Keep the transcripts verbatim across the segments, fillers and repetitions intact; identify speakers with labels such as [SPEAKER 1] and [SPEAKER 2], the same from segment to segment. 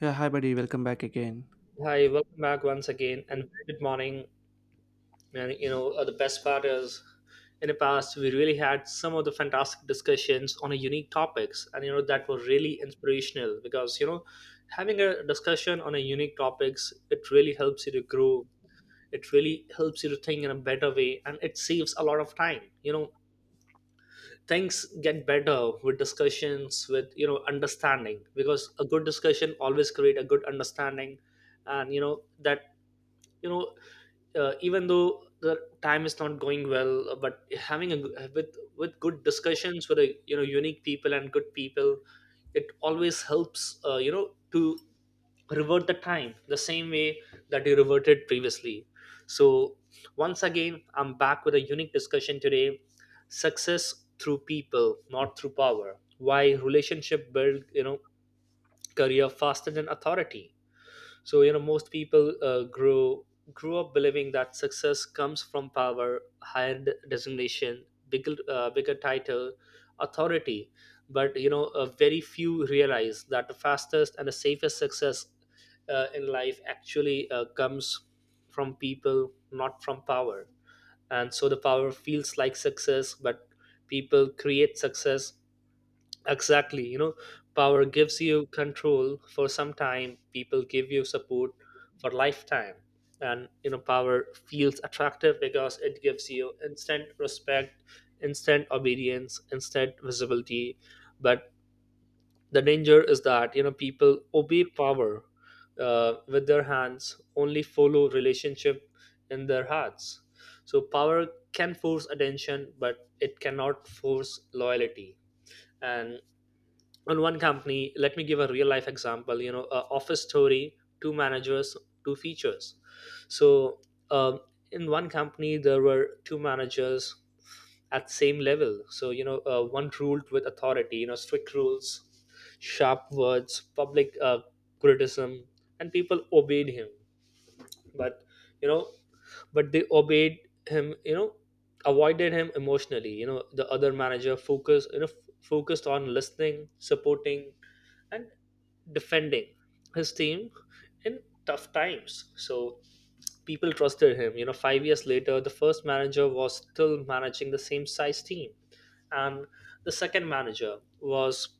[SPEAKER 1] Yeah, hi buddy, welcome back again.
[SPEAKER 2] Hi, welcome back once again, and very good morning. And you know, uh, the best part is, in the past, we really had some of the fantastic discussions on a unique topics, and you know that were really inspirational because you know, having a discussion on a unique topics, it really helps you to grow. It really helps you to think in a better way, and it saves a lot of time. You know, things get better with discussions, with you know, understanding, because a good discussion always create a good understanding, and you know that you know uh, even though the time is not going well, uh, but having a g- with with good discussions with a you know unique people and good people, it always helps, uh, you know to revert the time the same way that you reverted previously. So once again I'm back with a unique discussion today. Success through people, not through power. Why relationship build, you know career faster than authority. So you know most people, uh, grow grew up believing that success comes from power, higher d- designation, bigger, uh, bigger title, authority. But you know uh, very few realize that the fastest and the safest success, uh, in life, actually, uh, comes from people, not from power. And so the power feels like success, but people create success. Exactly. You know, power gives you control for some time. People give you support for lifetime. And, you know, power feels attractive because it gives you instant respect, instant obedience, instant visibility. But the danger is that, you know, people obey power, uh, with their hands, only follow relationship in their hearts. So power can force attention, but it cannot force loyalty. And on one company, let me give a real life example. You know uh, office story: two managers, two features. So um, in one company there were two managers at same level. So you know uh, one ruled with authority, you know strict rules, sharp words, public, uh, criticism, and people obeyed him. But you know but they obeyed him. You know avoided him emotionally. You know the other manager focused, you know f- focused on listening, supporting, and defending his team in tough times. So people trusted him. you know five years later, the first manager was still managing the same size team, and the second manager was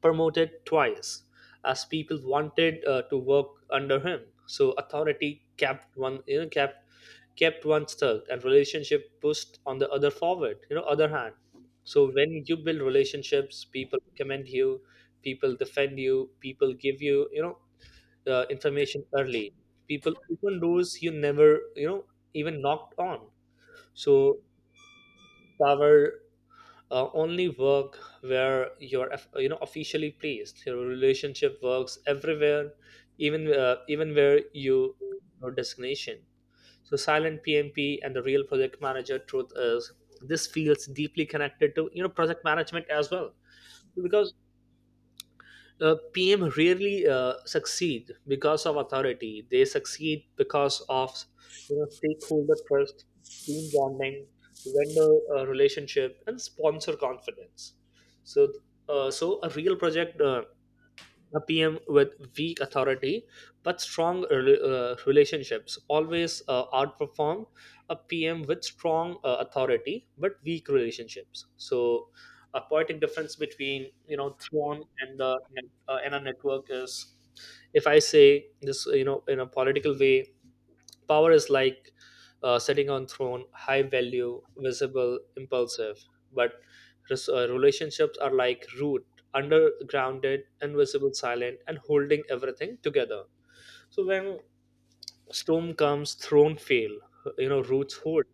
[SPEAKER 2] promoted twice, as people wanted, uh, to work under him. So authority kept one, you know, kept kept one stuck, and relationship pushed on the other forward. You know, other hand. So when you build relationships, people commend you, people defend you, people give you, you know, uh, information early. People open doors you never, you know, even knocked on. So power, uh, only work where you're eff- you know officially placed. Your relationship works everywhere, even, uh, even where you your designation. So silent P M P and the real project manager. Truth is, this feels deeply connected to you know project management as well, because, uh, P M rarely, uh, succeed because of authority. They succeed because of, you know stakeholder trust, team bonding, vendor, uh, relationship, and sponsor confidence. So, uh, so a real project, uh, a P M with weak authority but strong rela- uh, relationships, always, uh, outperform a P M with strong, uh, authority but weak relationships. So, a poetic difference between, you know Thrawn and the net- uh, and a network is, if I say this, you know in a political way, power is like, uh, sitting on throne, high value, visible, impulsive. But res- uh, relationships are like root, undergrounded, invisible, silent, and holding everything together. So when storm comes, throne fail. You know, roots hold.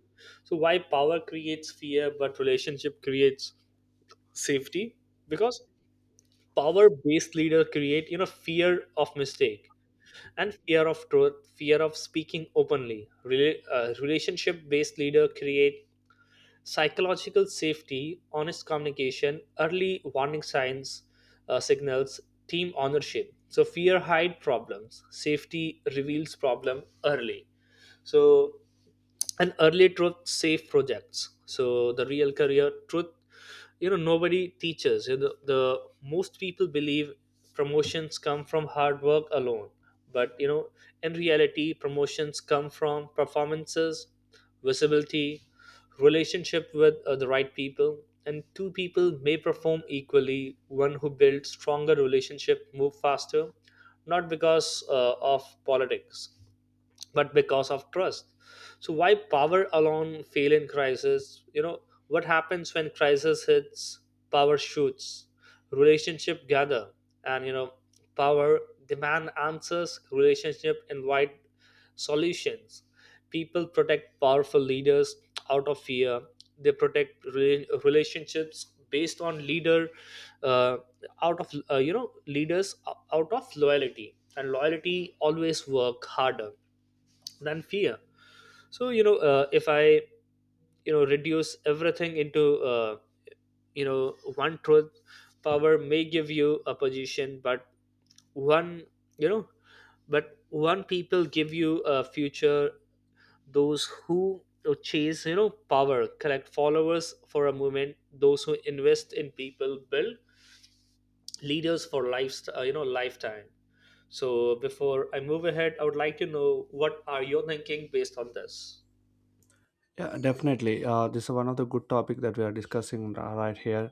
[SPEAKER 2] So why power creates fear, but relationship creates safety? Because power-based leader create, you know fear of mistake and fear of truth, fear of speaking openly. Rel- uh, Relationship based leader create psychological safety, honest communication, early warning signs, uh, signals, team ownership. So fear hide problems, safety reveals problem early. So and early truth safe projects. So the real career truth, you know nobody teaches. You know, the, the most people believe promotions come from hard work alone, but you know in reality promotions come from performances, visibility, relationship with, uh, the right people. And two people may perform equally. One who builds stronger relationship move faster, not because, uh, of politics, but because of trust. So why power alone fail in crisis? You know what happens when crisis hits? Power shoots, relationship gather. And you know power demand answers, relationship invite solutions. People protect powerful leaders out of fear. They protect rela- relationships based on leader, uh, out of uh, you know leaders, out of loyalty. And loyalty always work harder than fear. So you know uh, if I, you know reduce everything into, uh, you know one truth: power may give you a position, but one you know but one people give you a future. Those who chase, you know power collect followers for a moment. Those who invest in people build leaders for life, uh, you know lifetime. So before I move ahead, I would like to know what are you thinking based on this.
[SPEAKER 1] Yeah, definitely. Uh, this is one of the good topic that we are discussing r- right here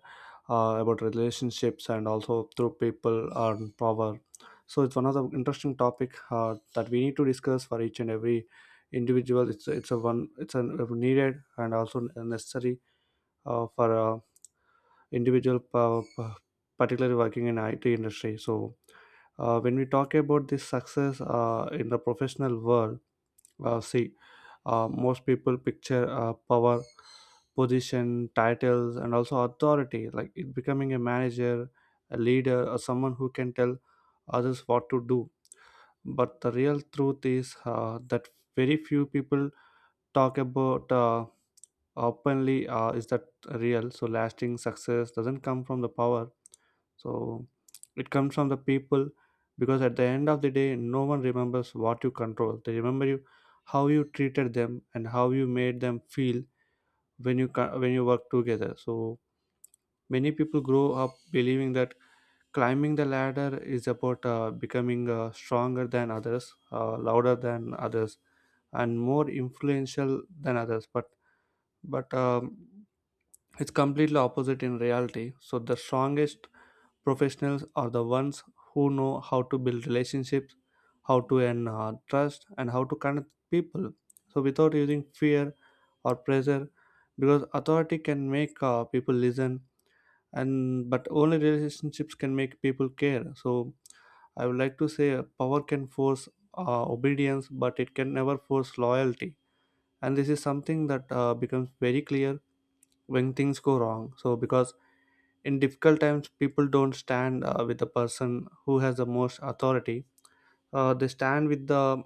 [SPEAKER 1] uh, about relationships and also through people and power. So it's one of the interesting topic uh, that we need to discuss for each and every individual. It's it's a one it's a needed and also necessary uh, for uh, individual, uh, p- particularly working in I T industry. So uh, when we talk about this success uh, in the professional world, uh, see. Uh, most people picture uh, power, position, titles, and also authority, like it becoming a manager, a leader, or someone who can tell others what to do. But the real truth is uh, that very few people talk about uh, openly uh, is that real. So lasting success doesn't come from the power, so it comes from the people, because at the end of the day, no one remembers what you control. They remember you how you treated them and how you made them feel when you co- when you work together. So many people grow up believing that climbing the ladder is about uh, becoming uh, stronger than others, uh, louder than others, and more influential than others. But but um, it's completely opposite in reality. So the strongest professionals are the ones who know how to build relationships, how to earn uh, trust, and how to connect people, so without using fear or pressure, because authority can make uh, people listen and but only relationships can make people care. So I would like to say uh, power can force uh, obedience but it can never force loyalty, and this is something that uh, becomes very clear when things go wrong, so because in difficult times people don't stand uh, with the person who has the most authority, uh, they stand with the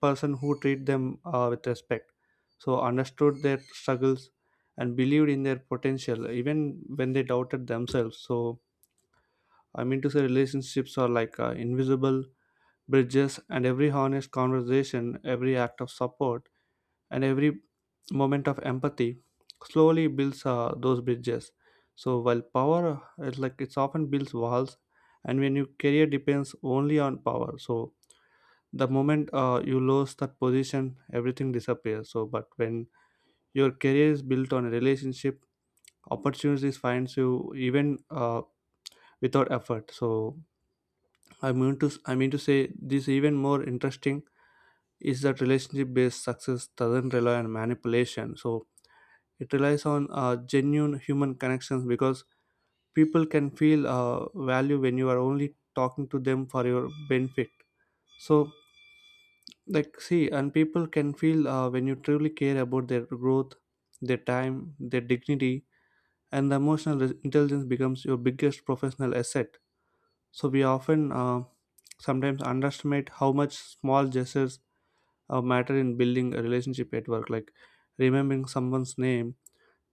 [SPEAKER 1] person who treat them uh, with respect, so understood their struggles and believed in their potential even when they doubted themselves. So I mean to say relationships are like uh, invisible bridges, and every honest conversation, every act of support, and every moment of empathy slowly builds uh, those bridges. So while power is like it's often builds walls, and when your career depends only on power, so the moment uh, you lose that position everything disappears, so but when your career is built on a relationship, opportunities finds you even uh, without effort. So i mean to i mean to say this even more interesting is that relationship based success doesn't rely on manipulation, so it relies on uh, genuine human connections, because people can feel uh, value when you are only talking to them for your benefit. So like see, and people can feel uh, when you truly care about their growth, their time, their dignity, and the emotional re- intelligence becomes your biggest professional asset. So we often uh, sometimes underestimate how much small gestures uh, matter in building a relationship at work, like remembering someone's name,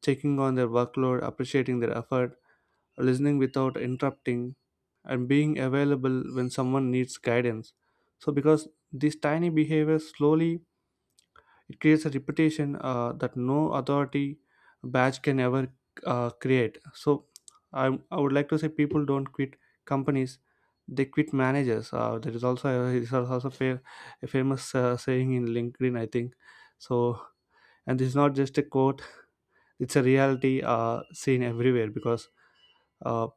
[SPEAKER 1] checking on their workload, appreciating their effort, listening without interrupting, and being available when someone needs guidance. So, because these tiny behaviors slowly, it creates a reputation uh, that no authority badge can ever uh, create. So, I, I would like to say people don't quit companies; they quit managers. Uh, there is also a, is also a, fa- a famous uh, saying in LinkedIn, I think. So, and this is not just a quote; it's a reality uh, seen everywhere, because uh,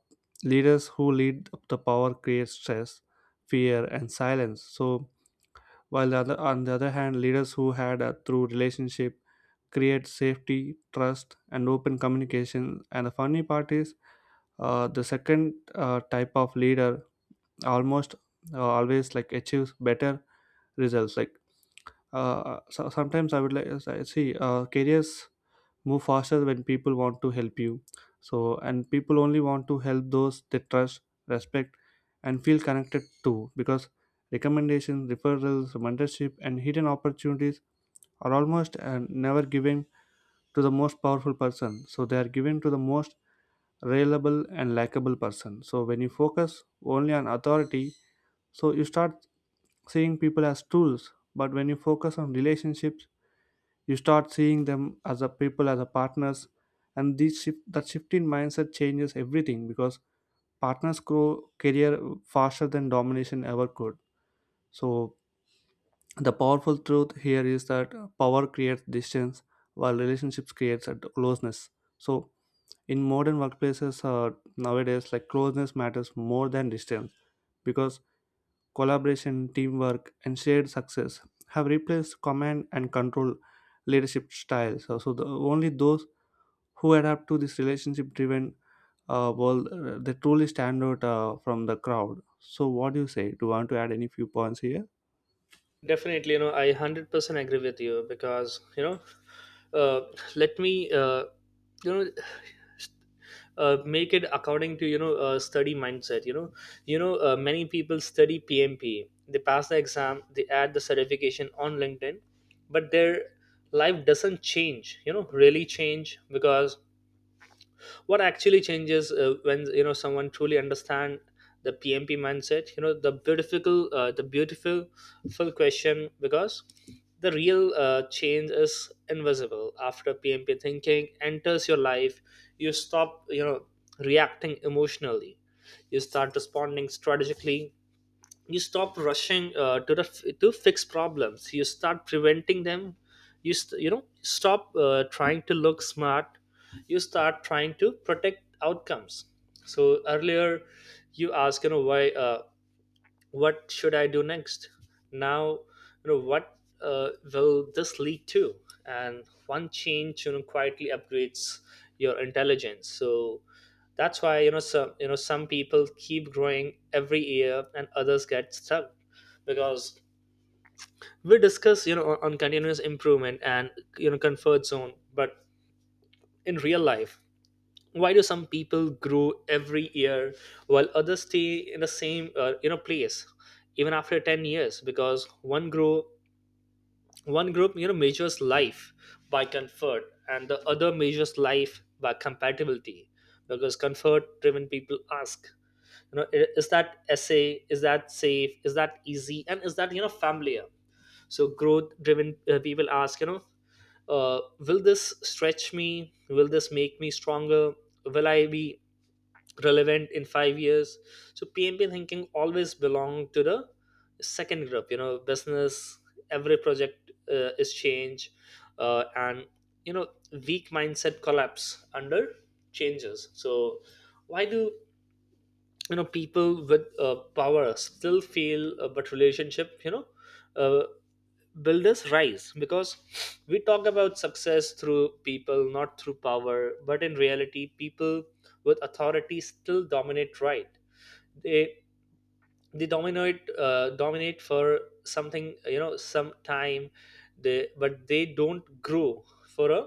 [SPEAKER 1] leaders who lead the power create stress, fear, and silence. So, while the other, on the other hand, leaders who had a through relationship create safety, trust, and open communication. And the funny part is, uh, the second uh, type of leader almost uh, always like achieves better results. Like uh, so sometimes I would like I see uh, careers move faster when people want to help you, so and people only want to help those they trust, respect, and feel connected to, because recommendations, referrals, mentorship, and hidden opportunities are almost uh, never given to the most powerful person, so they are given to the most reliable and likable person. So when you focus only on authority, so you start seeing people as tools, but when you focus on relationships, you start seeing them as a people, as a partners, and this shift that shift in mindset changes everything, because partners grow career faster than domination ever could. So the powerful truth here is that power creates distance while relationships creates a closeness. So in modern workplaces, uh, nowadays like closeness matters more than distance, because collaboration, teamwork, and shared success have replaced command and control leadership styles. So, so the, only those who adapt to this relationship driven uh, world uh, they truly stand out uh, from the crowd. So what do you say, do you want to add any few points here?
[SPEAKER 2] Definitely, you know, I one hundred percent agree with you because, you know, uh, let me, uh, you know, uh, make it according to, you know, uh, study mindset. You know, you know, uh, many people study P M P. They pass the exam, they add the certification on LinkedIn, but their life doesn't change, you know, really change. Because what actually changes, uh, when you know someone truly understand the P M P mindset, you know the beautiful, uh, the beautiful full question. Because the real, uh, change is invisible. After P M P thinking enters your life, you stop, you know reacting emotionally. You start responding strategically. You stop rushing, uh, to the to fix problems. You start preventing them. You st- you know stop, uh, trying to look smart. You start trying to protect outcomes. So earlier you asked, you know why uh, what should I do next? Now, you know, what, uh, will this lead to? And one change, you know, quietly upgrades your intelligence. So that's why you know some you know some people keep growing every year, and others get stuck. Because we discuss, you know on on continuous improvement and, you know comfort zone, but in real life, why do some people grow every year while others stay in the same, uh, you know place even after ten years? Because one grow one group, you know measures life by comfort and the other measures life by compatibility. Because comfort driven people ask, you know "I- is that essay, is that safe, is that easy, and is that, you know familiar?" So growth driven, uh, people ask, you know uh, will this stretch me, will this make me stronger, will I be relevant in five years? So P M P thinking always belong to the second group. You know, business. Every project, uh, is change, uh, and you know weak mindset collapse under changes. So why do, you know people with, uh, power still feel, uh, but relationship, you know uh, builders rise? Because we talk about success through people, not through power, but in reality people with authority still dominate, right? They they dominate, uh, dominate for something, you know some time. They but they don't grow for a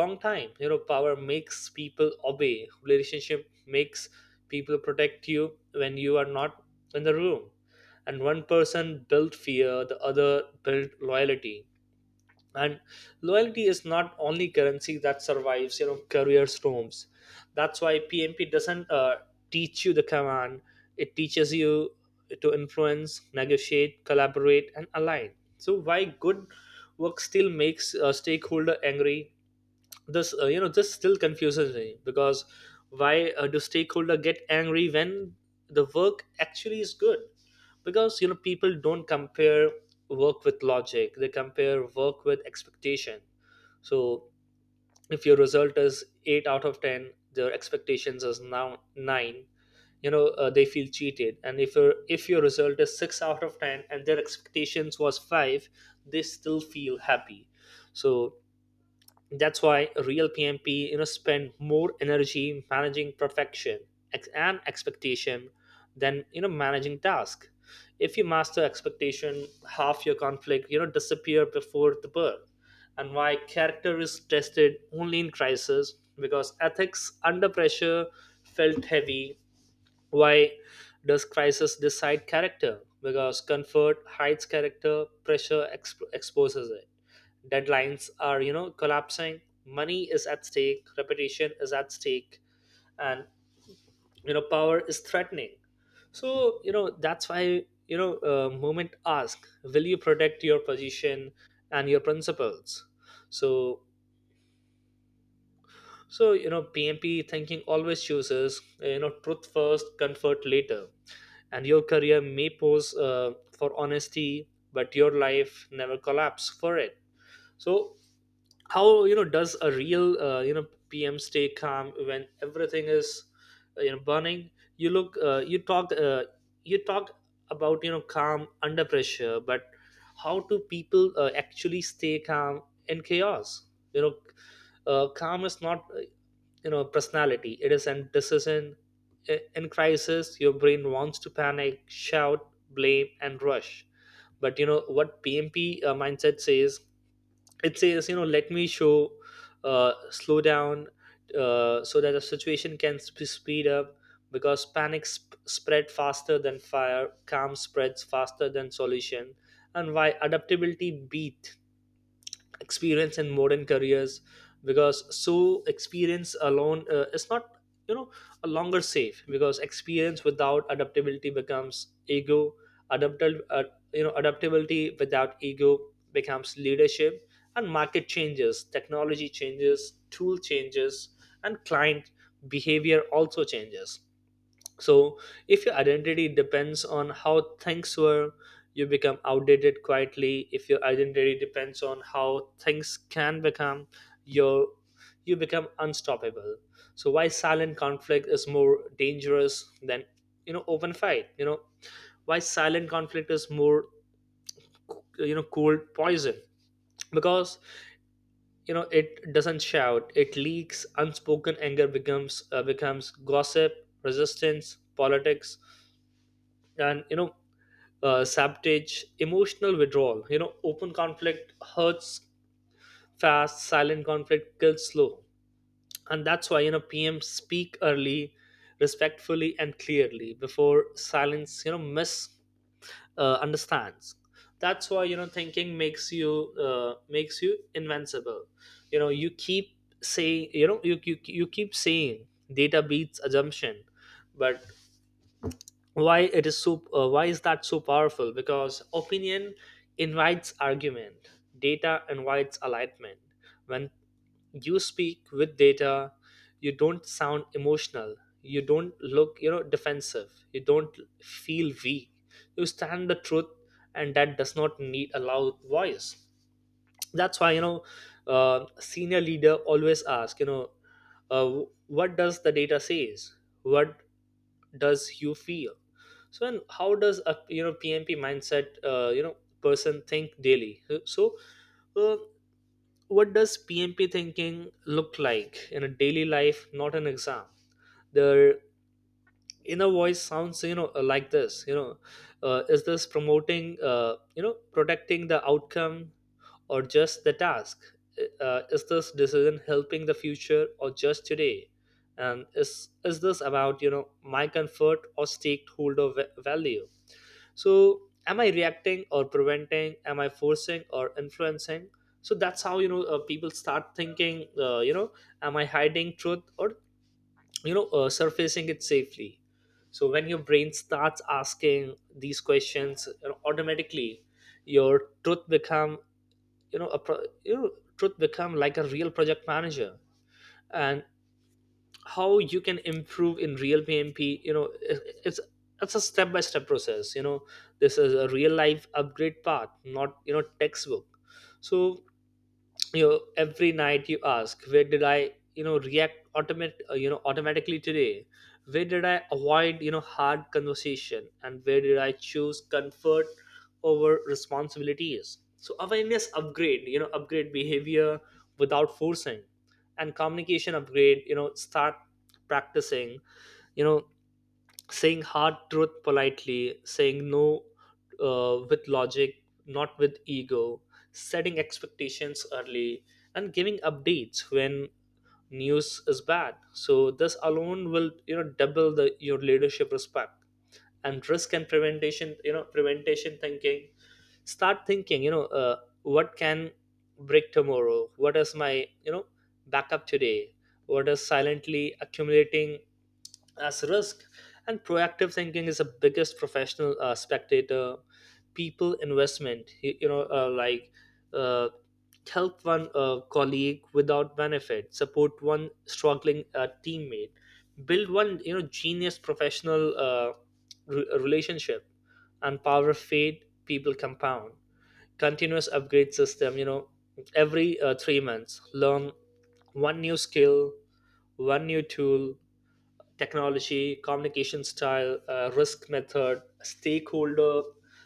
[SPEAKER 2] long time. You know power makes people obey, relationship makes people protect you when you are not in the room. And one person built fear, the other built loyalty. And loyalty is not only currency that survives, you know career storms. That's why P M P doesn't, uh, teach you the command. It teaches you to influence, negotiate, collaborate, and align. So why good work still makes a stakeholder angry? This, uh, you know this still confuses me. Because why, uh, do stakeholder get angry when the work actually is good? Because you know people don't compare work with logic, they compare work with expectation. So if your result is eight out of ten, their expectations is now nine, you know uh, they feel cheated. And if your if your result is six out of ten and their expectations was five, they still feel happy. So that's why real P M P, you know spend more energy managing perfection ex- and expectation than, you know managing task. If you master expectation, half your conflict, you know disappear before the birth. And why character is tested only in crisis? Because ethics under pressure felt heavy. Why does crisis decide character? Because comfort hides character, pressure exp- exposes it. Deadlines are, you know, collapsing. Money is at stake. Reputation is at stake, and, you know, power is threatening. So you know that's why, you know uh, movement ask, will you protect your position and your principles? So So, you know, P M P thinking always chooses, uh, you know, truth first, comfort later. And your career may pose uh, for honesty, but your life never collapse for it. So, how, you know, does a real, uh, you know, P M stay calm when everything is, uh, you know, burning? You look, uh, you talk, uh, you talk about, you know, calm under pressure, but how do people uh, actually stay calm in chaos? You know, uh, Calm is not you know personality. It is an decision. I- in crisis, your brain wants to panic, shout, blame, and rush. But you know what PMP uh, mindset says. It says you know let me show uh, slow down, uh, so that the situation can sp- speed up. Because panic sp- spread faster than fire, calm spreads faster than solution. And why adaptability beat experience in modern careers? Because so experience alone uh, is not you know a longer safe, because experience without adaptability becomes ego. Adaptable uh, you know Adaptability without ego becomes leadership. And market changes, technology changes, tool changes, and client behavior also changes. So, if your identity depends on how things were, you become outdated quietly. If your identity depends on how things can become, you you become unstoppable. So, why silent conflict is more dangerous than you know open fight? You know why silent conflict is more you know cold poison. Because you know it doesn't shout, it leaks. Unspoken anger becomes uh, becomes gossip, resistance, politics, and, you know uh, sabotage, emotional withdrawal. You know open conflict hurts fast, silent conflict kills slow. And that's why you know PM speak early, respectfully and clearly, before silence you know misunderstands uh, understands. That's why you know thinking makes you uh, makes you invincible. You know you keep saying, you know you, you, you keep saying data beats assumption. But why it is so uh, why is that so powerful? Because opinion invites argument, data invites alignment. When you speak with data, you don't sound emotional, you don't look you know defensive, you don't feel weak, you stand the truth. And that does not need a loud voice. That's why, you know uh, senior leader always ask, you know uh, what does the data says? What does you feel? So, and how does a you know PMP mindset uh, you know person think daily? so uh, what does PMP thinking look like in a daily life, not an exam? Their inner voice sounds you know like this. You know uh, is this promoting uh, you know protecting the outcome or just the task? Uh, is this decision helping the future or just today? And is is this about you know my comfort or stakeholder va- value? So am I reacting or preventing? Am I forcing or influencing? So that's how, you know uh, people start thinking. Uh, you know, am I hiding truth or you know uh, surfacing it safely? So when your brain starts asking these questions, you know, automatically your truth become, you know a pro- you know, truth become like a real project manager. And how you can improve in real PMP, you know it- it's it's a step by step process. You know this is a real life upgrade path, not you know textbook. So, you know, every night you ask, where did I you know react, automate uh, you know automatically today? Where did I avoid you know hard conversation? And where did I choose comfort over responsibilities? So awareness upgrade, you know upgrade behavior without forcing. And communication upgrade, you know start practicing, you know saying hard truth politely, saying no uh, with logic, not with ego, setting expectations early, and giving updates when news is bad. So this alone will you know double the your leadership respect. And risk and prevention, you know prevention thinking. Start thinking, you know uh, what can break tomorrow. What is my you know backup today? What is silently accumulating as risk? And proactive thinking is the biggest professional uh, spectator, people investment. You, you know uh, like, uh, help one uh, colleague without benefit, support one struggling uh, teammate, build one you know genius professional uh, re- relationship. And power fade, people compound. Continuous upgrade system, you know every uh, three months learn one new skill, one new tool, technology, communication style, uh, risk method, stakeholder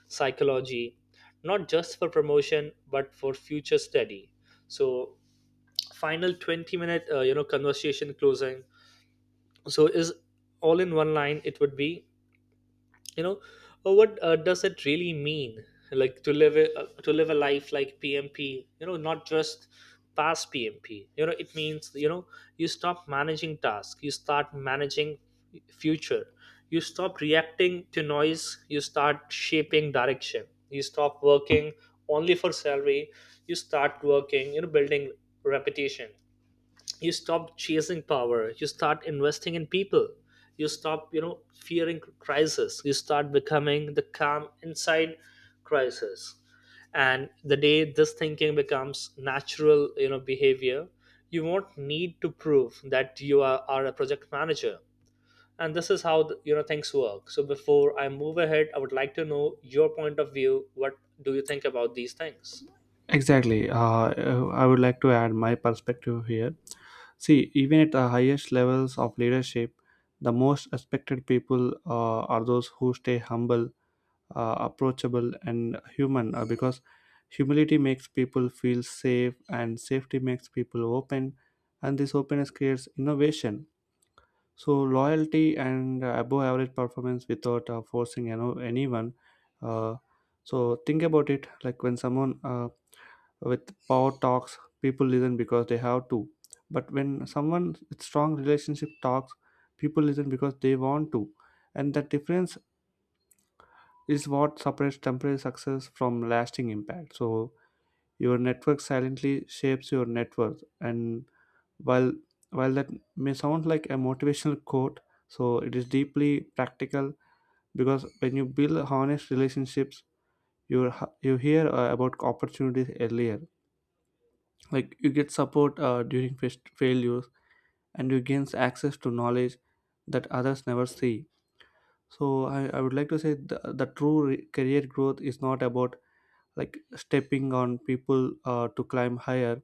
[SPEAKER 2] psychology, not just for promotion but for future study. So, final twenty minute uh, you know conversation closing. So is all in one line. It would be, you know uh, what uh, does it really mean, like, to live a, uh, to live a life like PMP, you know not just past PMP. You know it means, you know you stop managing tasks, you start managing future. You stop reacting to noise, you start shaping direction. You stop working only for salary, you start working, you know building reputation. You stop chasing power, you start investing in people. You stop you know fearing crisis, you start becoming the calm inside crisis. And the day this thinking becomes natural, you know behavior, you won't need to prove that you are, are a project manager. And this is how the, you know things work. So before I move ahead, I would like to know your point of view. What do you think about these things?
[SPEAKER 1] Exactly. Uh, uh, i would like to add my perspective here. See, even at the highest levels of leadership, the most respected people uh, are those who stay humble, uh, approachable, and human, uh, because humility makes people feel safe, and safety makes people open, and this openness creates innovation. So loyalty and uh, above average performance without uh, forcing you know anyone. Uh, so think about it, like when someone uh, with power talks, people listen because they have to. But when someone with strong relationship talks, people listen because they want to. And that difference is what separates temporary success from lasting impact. So your network silently shapes your net worth, and while while that may sound like a motivational quote, so it is deeply practical, because when you build honest relationships, you you hear uh, about opportunities earlier. Like you get support uh, during fas- failures, and you gain access to knowledge that others never see. So I, I would like to say the, the true re- career growth is not about like stepping on people uh, to climb higher.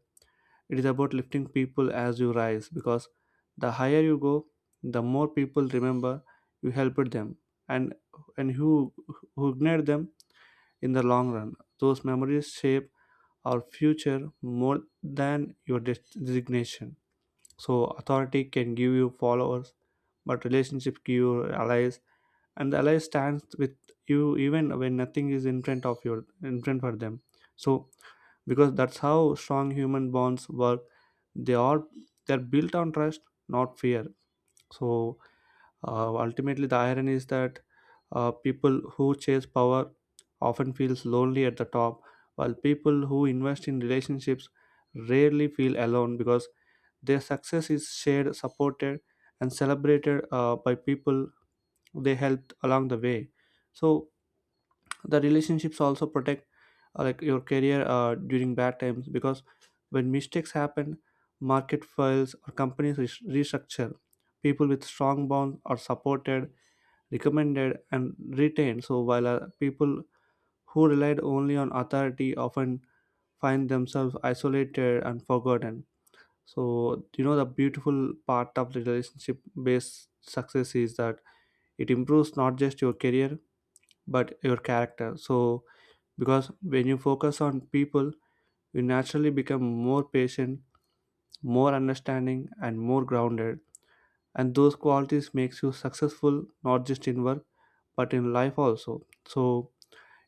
[SPEAKER 1] It is about lifting people as you rise, because the higher you go, the more people remember you helped them, and and who who ignored them in the long run. Those memories shape our future more than your des- designation. So authority can give you followers, but relationships give you allies, and the ally stands with you even when nothing is in front of your in front for them, so because that's how strong human bonds work. They are, they're built on trust, not fear. So, uh, ultimately the irony is that uh, people who chase power often feels lonely at the top, while people who invest in relationships rarely feel alone, because their success is shared, supported, and celebrated uh, by people they helped along the way. So the relationships also protect uh, like your career uh, during bad times, because when mistakes happen, market fails, or companies res- restructure, people with strong bonds are supported, recommended, and retained, so while uh, people who relied only on authority often find themselves isolated and forgotten. So you know the beautiful part of the relationship based success is that it improves not just your career but your character. So, because when you focus on people, you naturally become more patient, more understanding, and more grounded. And those qualities makes you successful not just in work, but in life also. So,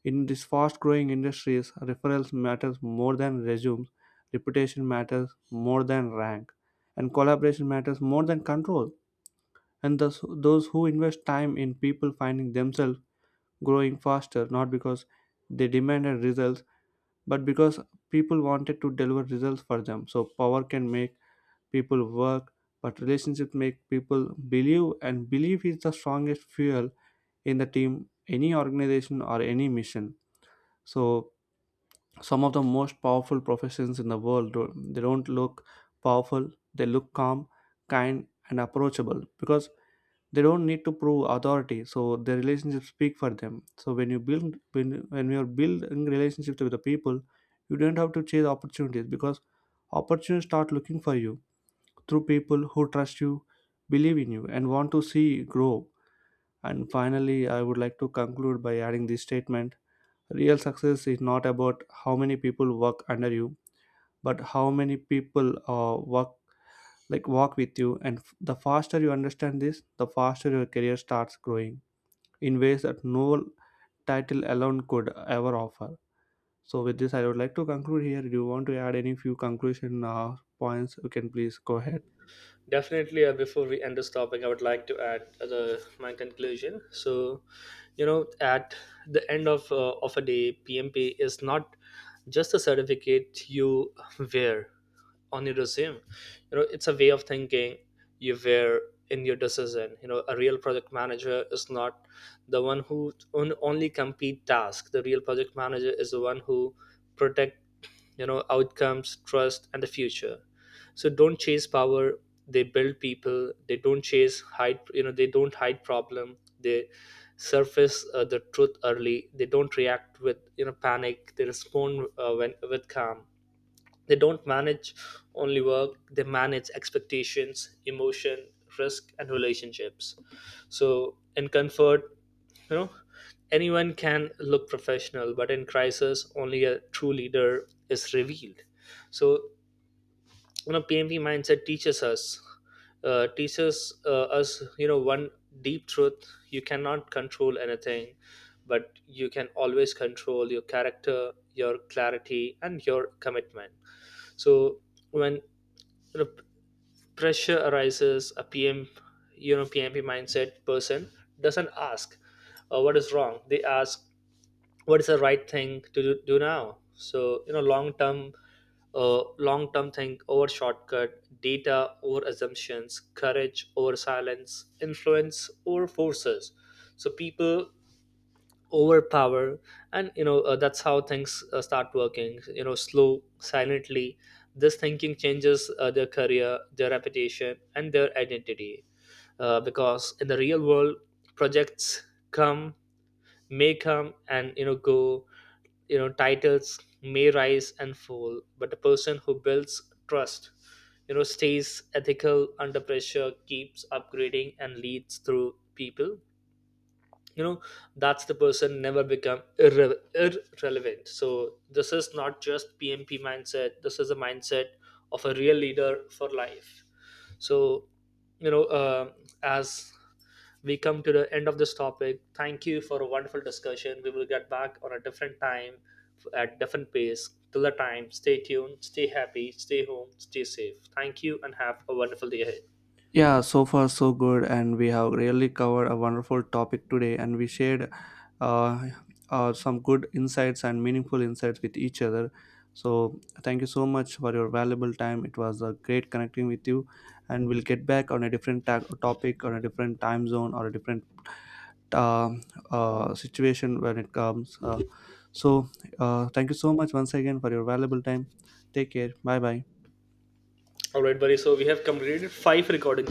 [SPEAKER 1] in these fast-growing industries, referrals matters more than resumes, reputation matters more than rank, and collaboration matters more than control. And thus, those who invest time in people finding themselves growing faster, not because they demanded results, but because people wanted to deliver results for them. So power can make people work, but relationships make people believe, and belief is the strongest fuel in the team, any organization or any mission. So some of the most powerful professions in the world don't, they don't look powerful, they look calm, kind, and approachable, because they don't need to prove authority, so their relationships speak for them. So when you build when, when you're building relationships with the people, you don't have to chase opportunities, because opportunities start looking for you through people who trust you, believe in you, and want to see you grow. And finally, I would like to conclude by adding this statement. Real success is not about how many people work under you, but how many people uh, work like walk with you, and f- the faster you understand this, the faster your career starts growing in ways that no title alone could ever offer. So with this, I would like to conclude here. Do you want to add any few conclusion uh, points? You can please go ahead.
[SPEAKER 2] Definitely, uh, before we end this topic, I would like to add uh, the, my conclusion. So, you know, at the end of uh, of a day, P M P is not just a certificate you wear on your resume. You know, it's a way of thinking you wear in your decision. You know, a real project manager is not the one who on, only complete tasks. The real project manager is the one who protect, you know outcomes, trust, and the future. So don't chase power, they build people. They don't chase hide you know they don't hide problem, they surface uh, the truth early. They don't react with you know panic, they respond uh, when, with calm. They don't manage only work, they manage expectations, emotion, risk, and relationships. So in comfort, you know anyone can look professional, but in crisis only a true leader is revealed. So, you know P M P mindset teaches us uh, teaches uh, us you know one deep truth: you cannot control anything, but you can always control your character, your clarity, and your commitment. So when the p- pressure arises, a pm you know PMP mindset person doesn't ask, uh, what is wrong. They ask, what is the right thing to do, do now? So, you know long term uh, long term think over shortcut, data over assumptions, courage over silence, influence over forces. So people overpower. And, you know uh, that's how things uh, start working, you know slow, silently. This thinking changes uh, their career, their reputation, and their identity, uh, because in the real world, projects come may come and, you know, go. You know titles may rise and fall, but a person who builds trust, you know stays ethical under pressure, keeps upgrading, and leads through people. you know that's the person, never become irre- irrelevant. So this is not just PMP mindset, this is a mindset of a real leader for life. So, you know uh, as we come to the end of this topic. Thank you for a wonderful discussion. We will get back on a different time, f- at different pace. Till the time, stay tuned, stay happy, stay home, stay safe. Thank you and have a wonderful day ahead.
[SPEAKER 1] Yeah, so far so good, and we have really covered a wonderful topic today, and we shared, uh, uh, some good insights and meaningful insights with each other. So thank you so much for your valuable time. It was a great connecting with you, and we'll get back on a different ta- topic, on a different time zone, or a different uh, uh, situation when it comes. Uh, so, uh, thank you so much once again for your valuable time. Take care. Bye bye.
[SPEAKER 2] All right, buddy. So we have completed five recordings.